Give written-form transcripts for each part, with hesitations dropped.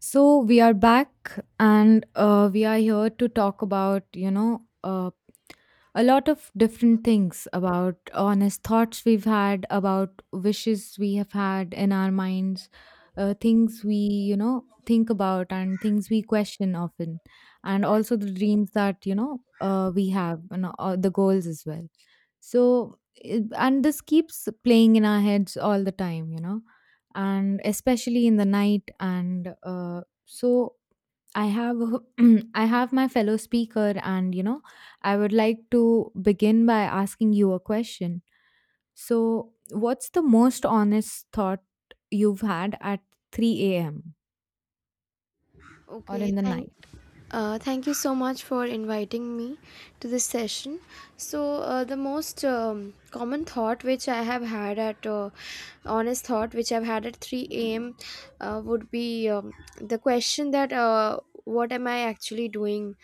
So we are back and we are here to talk about, a lot of different things about honest thoughts we've had, about wishes we have had in our minds, things we, think about and things we question often, and also the dreams that, we have and the goals as well. So, and this keeps playing in our heads all the time, and especially in the night. And so, I have I have my fellow speaker, and I would like to begin by asking you a question. So, what's the most honest thought you've had at 3 a.m. or Okay, in the night? Thank you so much for inviting me to this session. So the most common thought which I have had at honest thought which I've had at 3 a.m. Would be the question that, what am I actually doing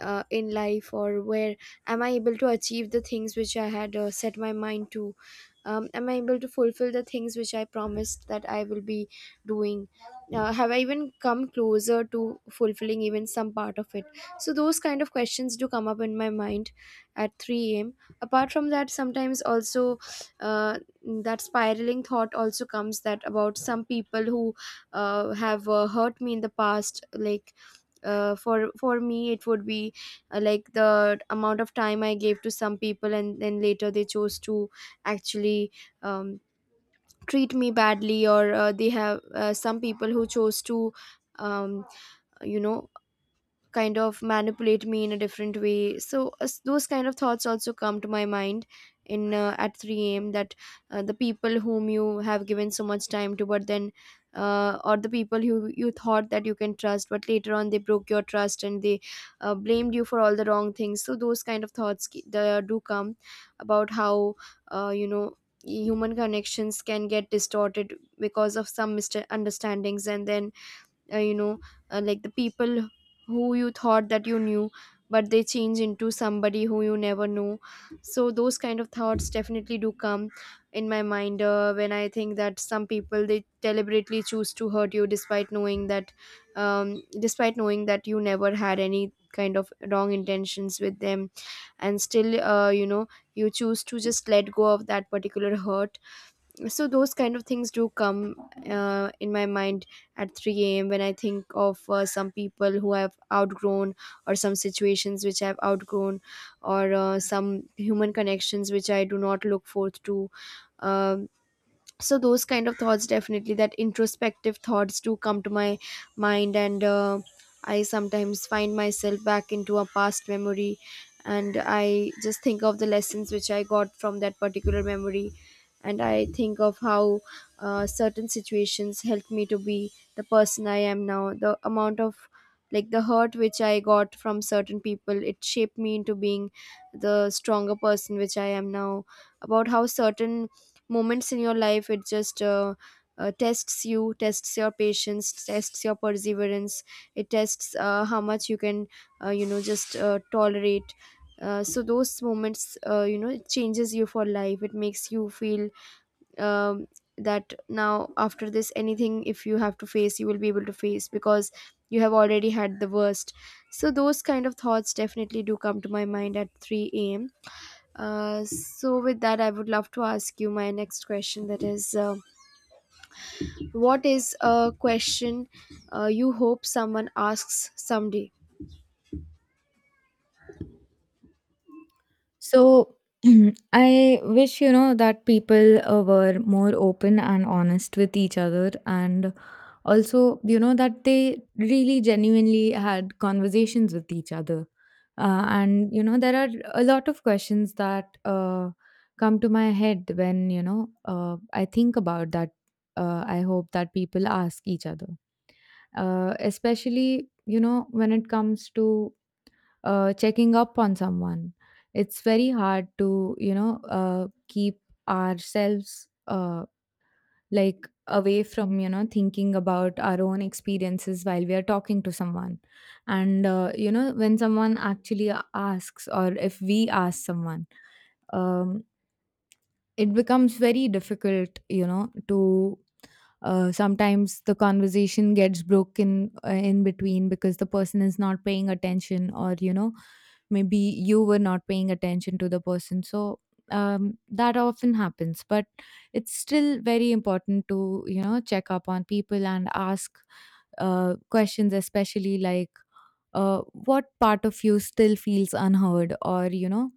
in life, or where am I able to achieve the things which I had, set my mind to? Am I able to fulfill the things which I promised that I will be doing? Have I even come closer to fulfilling even some part of it? So those kind of questions do come up in my mind at 3 a.m. Apart from that, sometimes also, uh, that spiraling thought also comes, that about some people who, have, hurt me in the past. Like, for me it would be, like, the amount of time I gave to some people and then later they chose to actually, um, treat me badly, or, they have, some people who chose to, um, you know kind of manipulate me in a different way. So as those kind of thoughts also come to my mind in at 3 a.m., that, the people whom you have given so much time to, but then, or the people who you thought that you can trust, but later on they broke your trust and they, blamed you for all the wrong things. So those kind of thoughts do come, about how, uh, you know human connections can get distorted because of some misunderstandings, and then, uh, you know like, the people who you thought that you knew, but they change into somebody who you never knew. So those kind of thoughts definitely do come in my mind, when I think that some people, they deliberately choose to hurt you despite knowing that, despite knowing that you never had any kind of wrong intentions with them, and still, you choose to just let go of that particular hurt. So those kind of things do come, in my mind at 3 a.m. when I think of, some people who have outgrown, or some situations which I've outgrown, or, some human connections which I do not look forth to. Um so those kind of thoughts, definitely that introspective thoughts, do come to my mind. And I sometimes find myself back into a past memory, and I just think of the lessons which I got from that particular memory, and I think of how, certain situations helped me to be the person I am now, the amount of, like, the hurt which I got from certain people, it shaped me into being the stronger person which I am now. About how certain moments in your life, it just, tests you, tests your patience, tests your perseverance. It tests, how much you can, you know just tolerate. So those moments, it changes you for life, it makes you feel, um, that now after this, anything if you have to face, you will be able to face, because you have already had the worst. So those kind of thoughts definitely do come to my mind at 3 a.m. So with that, I would love to ask you my next question, that is, what is a question, you hope someone asks someday? So I wish, that people were more open and honest with each other, and also, that they really genuinely had conversations with each other. And there are a lot of questions that come to my head when, I think about that. I hope that people ask each other, especially, when it comes to checking up on someone. It's very hard to, keep ourselves like away from, thinking about our own experiences while we are talking to someone. And, when someone actually asks, or if we ask someone, um, it becomes very difficult, to, sometimes the conversation gets broken in between because the person is not paying attention, or maybe you were not paying attention to the person, so that often happens. But it's still very important to, check up on people and ask questions, especially like what part of you still feels unheard, or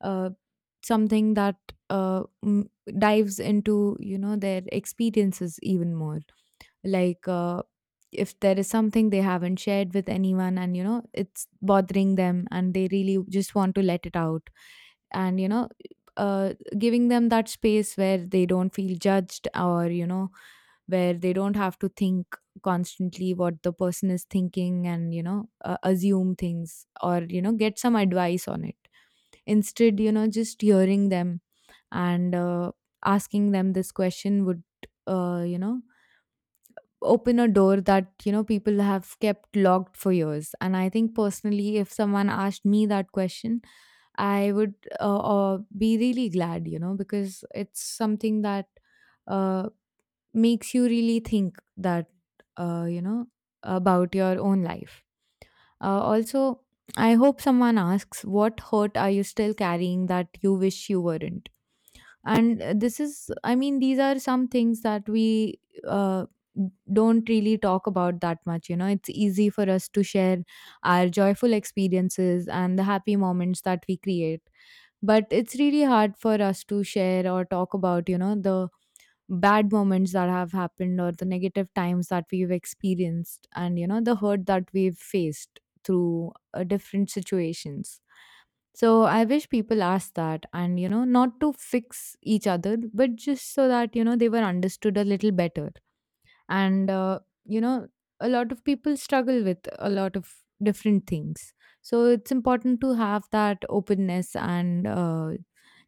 uh, something that uh, m- dives into their experiences even more, like if there is something they haven't shared with anyone and it's bothering them and they really just want to let it out, and giving them that space where they don't feel judged, or where they don't have to think constantly what the person is thinking and assume things, or get some advice on it. Instead, just hearing them and asking them this question would, uh, you know, open a door that, people have kept locked for years. And I think personally, if someone asked me that question, I would be really glad, because it's something that uh, makes you really think, uh, you know, about your own life. Also, I hope someone asks, what hurt are you still carrying that you wish you weren't? And this is, I mean, these are some things that we uh, don't really talk about that much. It's easy for us to share our joyful experiences and the happy moments that we create, but it's really hard for us to share or talk about, the bad moments that have happened, or the negative times that we've experienced, and the hurt that we've faced through different situations. So I wish people asked that, and, not to fix each other, but just so that, they were understood a little better, and a lot of people struggle with a lot of different things, so it's important to have that openness and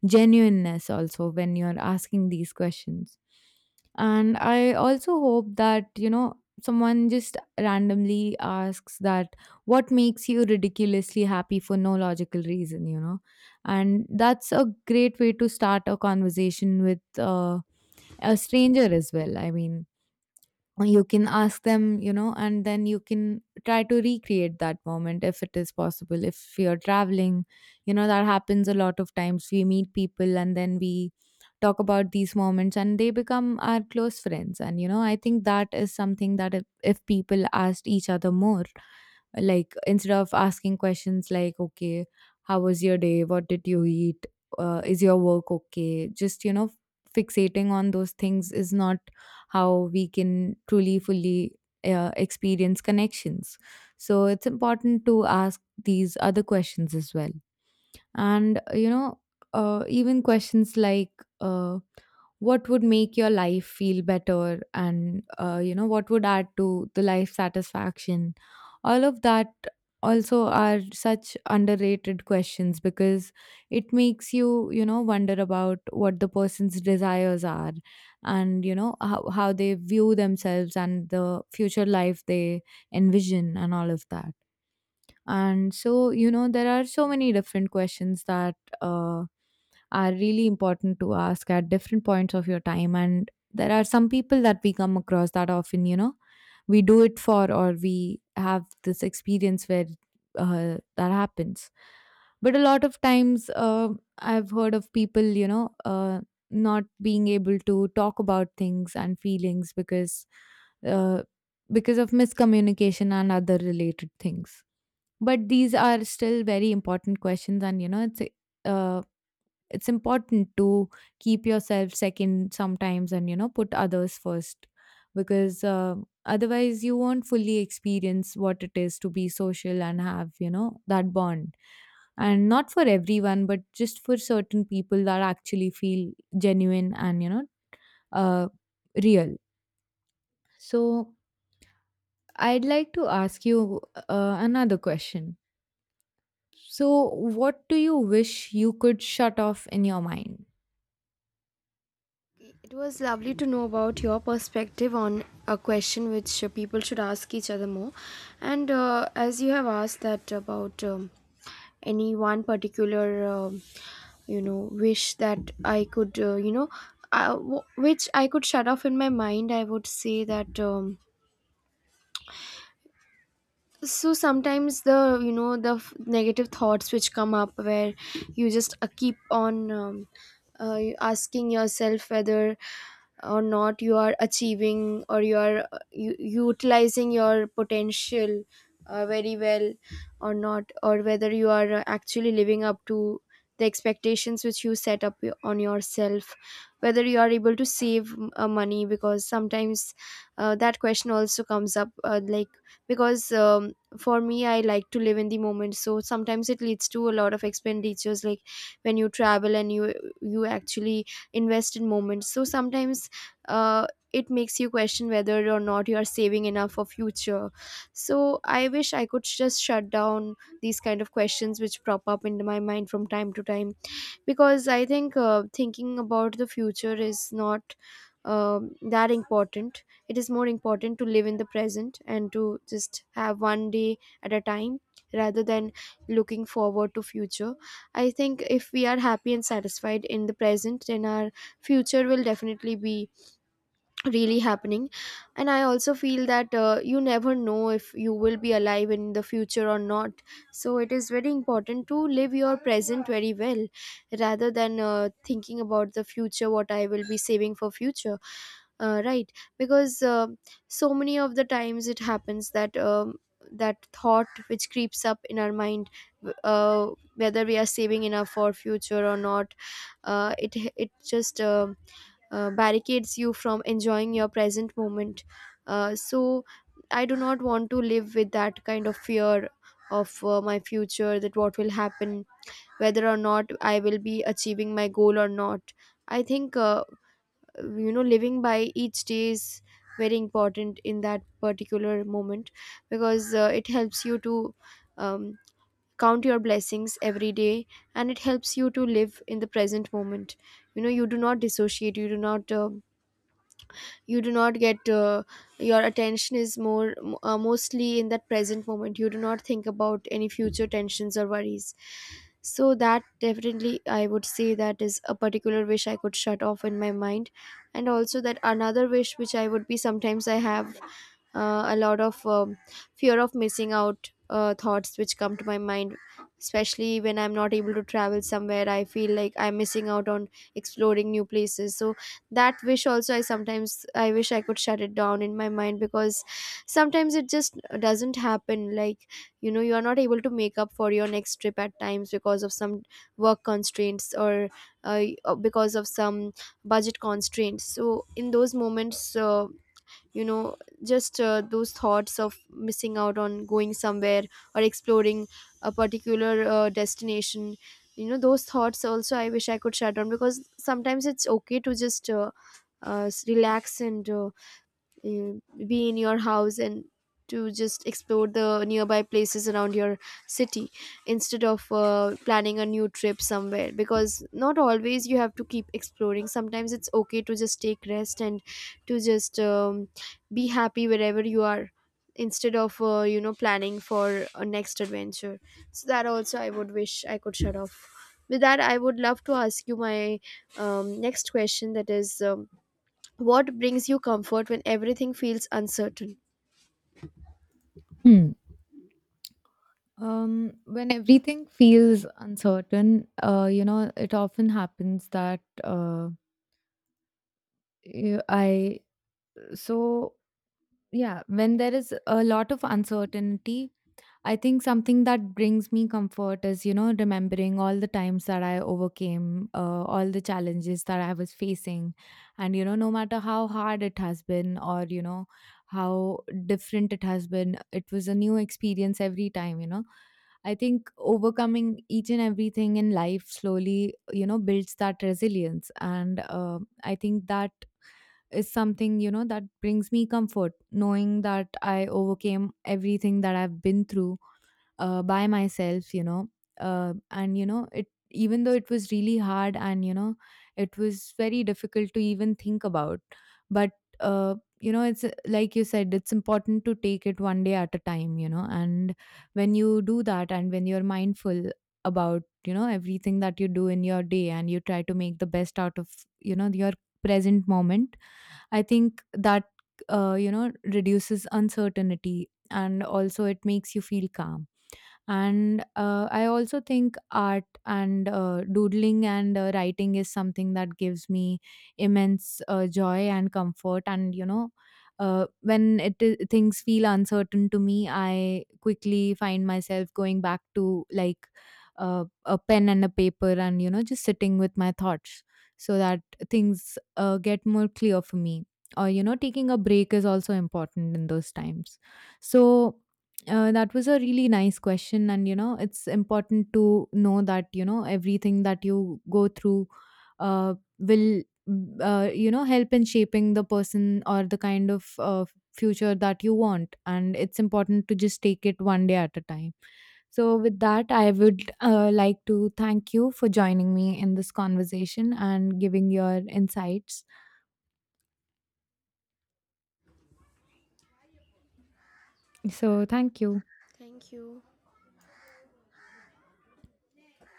genuineness also when you're asking these questions. And I also hope that someone just randomly asks that, what makes you ridiculously happy for no logical reason? You know, and that's a great way to start a conversation with a stranger as well. I mean, you can ask them, and then you can try to recreate that moment if it is possible, if you're traveling. You know, that happens a lot of times. We meet people and then we talk about these moments and they become our close friends, and I think that is something that, if people asked each other more, like instead of asking questions like, okay, how was your day, what did you eat, is your work okay, just fixating on those things is not how we can truly, fully experience connections. So it's important to ask these other questions as well, and even questions like, uh, what would make your life feel better, and what would add to the life satisfaction, all of that, also are such underrated questions, because it makes you, you know wonder about what the person's desires are, and how they view themselves and the future life they envision and all of that. And so, there are so many different questions that uh, are really important to ask at different points of your time. And there are some people that we come across that often, we do it for, or we have this experience where that happens. But a lot of times, I've heard of people, not being able to talk about things and feelings because, uh, because of miscommunication and other related things, but these are still very important questions. And it's, uh, it's important to keep yourself second sometimes and put others first, because otherwise you won't fully experience what it is to be social and have that bond, and not for everyone, but just for certain people that actually feel genuine and uh, real. So I'd like to ask you another question. So, what do you wish you could shut off in your mind? It was lovely to know about your perspective on a question which, people should ask each other more. And as you have asked that about, any one particular, wish that I could, uh, which I could shut off in my mind, I would say that, so sometimes the, the negative thoughts which come up, where you just, keep on, asking yourself whether or not you are achieving, or you are, utilizing your potential, very well or not, or whether you are, actually living up to the expectations which you set up on yourself, whether you are able to save money, because sometimes, that question also comes up. Like, because, for me, I like to live in the moment, so sometimes it leads to a lot of expenditures. Like, when you travel and you actually invest in moments, so sometimes, uh, it makes you question whether or not you are saving enough for future. So I wish I could just shut down these kind of questions which prop up in my mind from time to time, because I think, thinking about the future is not, um that important. It is more important to live in the present and to just have one day at a time, rather than looking forward to future. I think if we are happy and satisfied in the present, then our future will definitely be really happening. And I also feel that, you never know if you will be alive in the future or not, so it is very important to live your present very well, rather than, thinking about the future what I will be saving for future, right? Because, so many of the times it happens that, that thought which creeps up in our mind, uh, whether we are saving enough for future or not, it it just barricades you from enjoying your present moment. So I do not want to live with that kind of fear of, my future, that what will happen, whether or not I will be achieving my goal or not. I think, living by each day is very important in that particular moment, because, it helps you to, um, count your blessings every day, and it helps you to live in the present moment. You know, you do not dissociate, you do not, you do not get, your attention is more mostly in that present moment, you do not think about any future tensions or worries. So that definitely I would say, that is a particular wish I could shut off in my mind. And also that another wish which I would be, sometimes I have, a lot of, fear of missing out, thoughts which come to my mind, especially when I'm not able to travel somewhere, I feel like I'm missing out on exploring new places. So that wish also, I sometimes, I wish I could shut it down in my mind, because sometimes it just doesn't happen, like, you know, you are not able to make up for your next trip at times, because of some work constraints, or, uh, because of some budget constraints. So in those moments, you know just, those thoughts of missing out on going somewhere, or exploring a particular, destination, you know, those thoughts also I wish I could shut down, because sometimes it's okay to just, relax and, uh, be in your house, and to just explore the nearby places around your city, instead of, planning a new trip somewhere. Because not always you have to keep exploring, sometimes it's okay to just take rest and to just, be happy wherever you are, instead of, planning for a next adventure. So that also I would wish I could shut off. With that, I would love to ask you my, next question, that is, what brings you comfort when everything feels uncertain? Hmm. When everything feels uncertain, it often happens that y- I so yeah, when there is a lot of uncertainty, I think something that brings me comfort is, remembering all the times that I overcame, all the challenges that I was facing. And, no matter how hard it has been, or, how different it has been, it was a new experience every time. I think overcoming each and everything in life slowly, builds that resilience. And I think that is something, that brings me comfort, knowing that I overcame everything that I've been through by myself, and it, even though it was really hard, and it was very difficult to even think about. But uh, it's, like you said, it's important to take it one day at a time, and when you do that, and when you're mindful about everything that you do in your day, and you try to make the best out of, your present moment. I think that reduces uncertainty, and also it makes you feel calm. And I also think art and doodling and writing is something that gives me immense joy and comfort, and when things feel uncertain to me, I quickly find myself going back to like a pen and a paper, and just sitting with my thoughts, so that things get more clear for me. Or taking a break is also important in those times. So that was a really nice question, and it's important to know that everything that you go through will, help in shaping the person or the kind of future that you want, and it's important to just take it one day at a time. So, with that, I would like to thank you for joining me in this conversation and giving your insights. So, thank you. Thank you.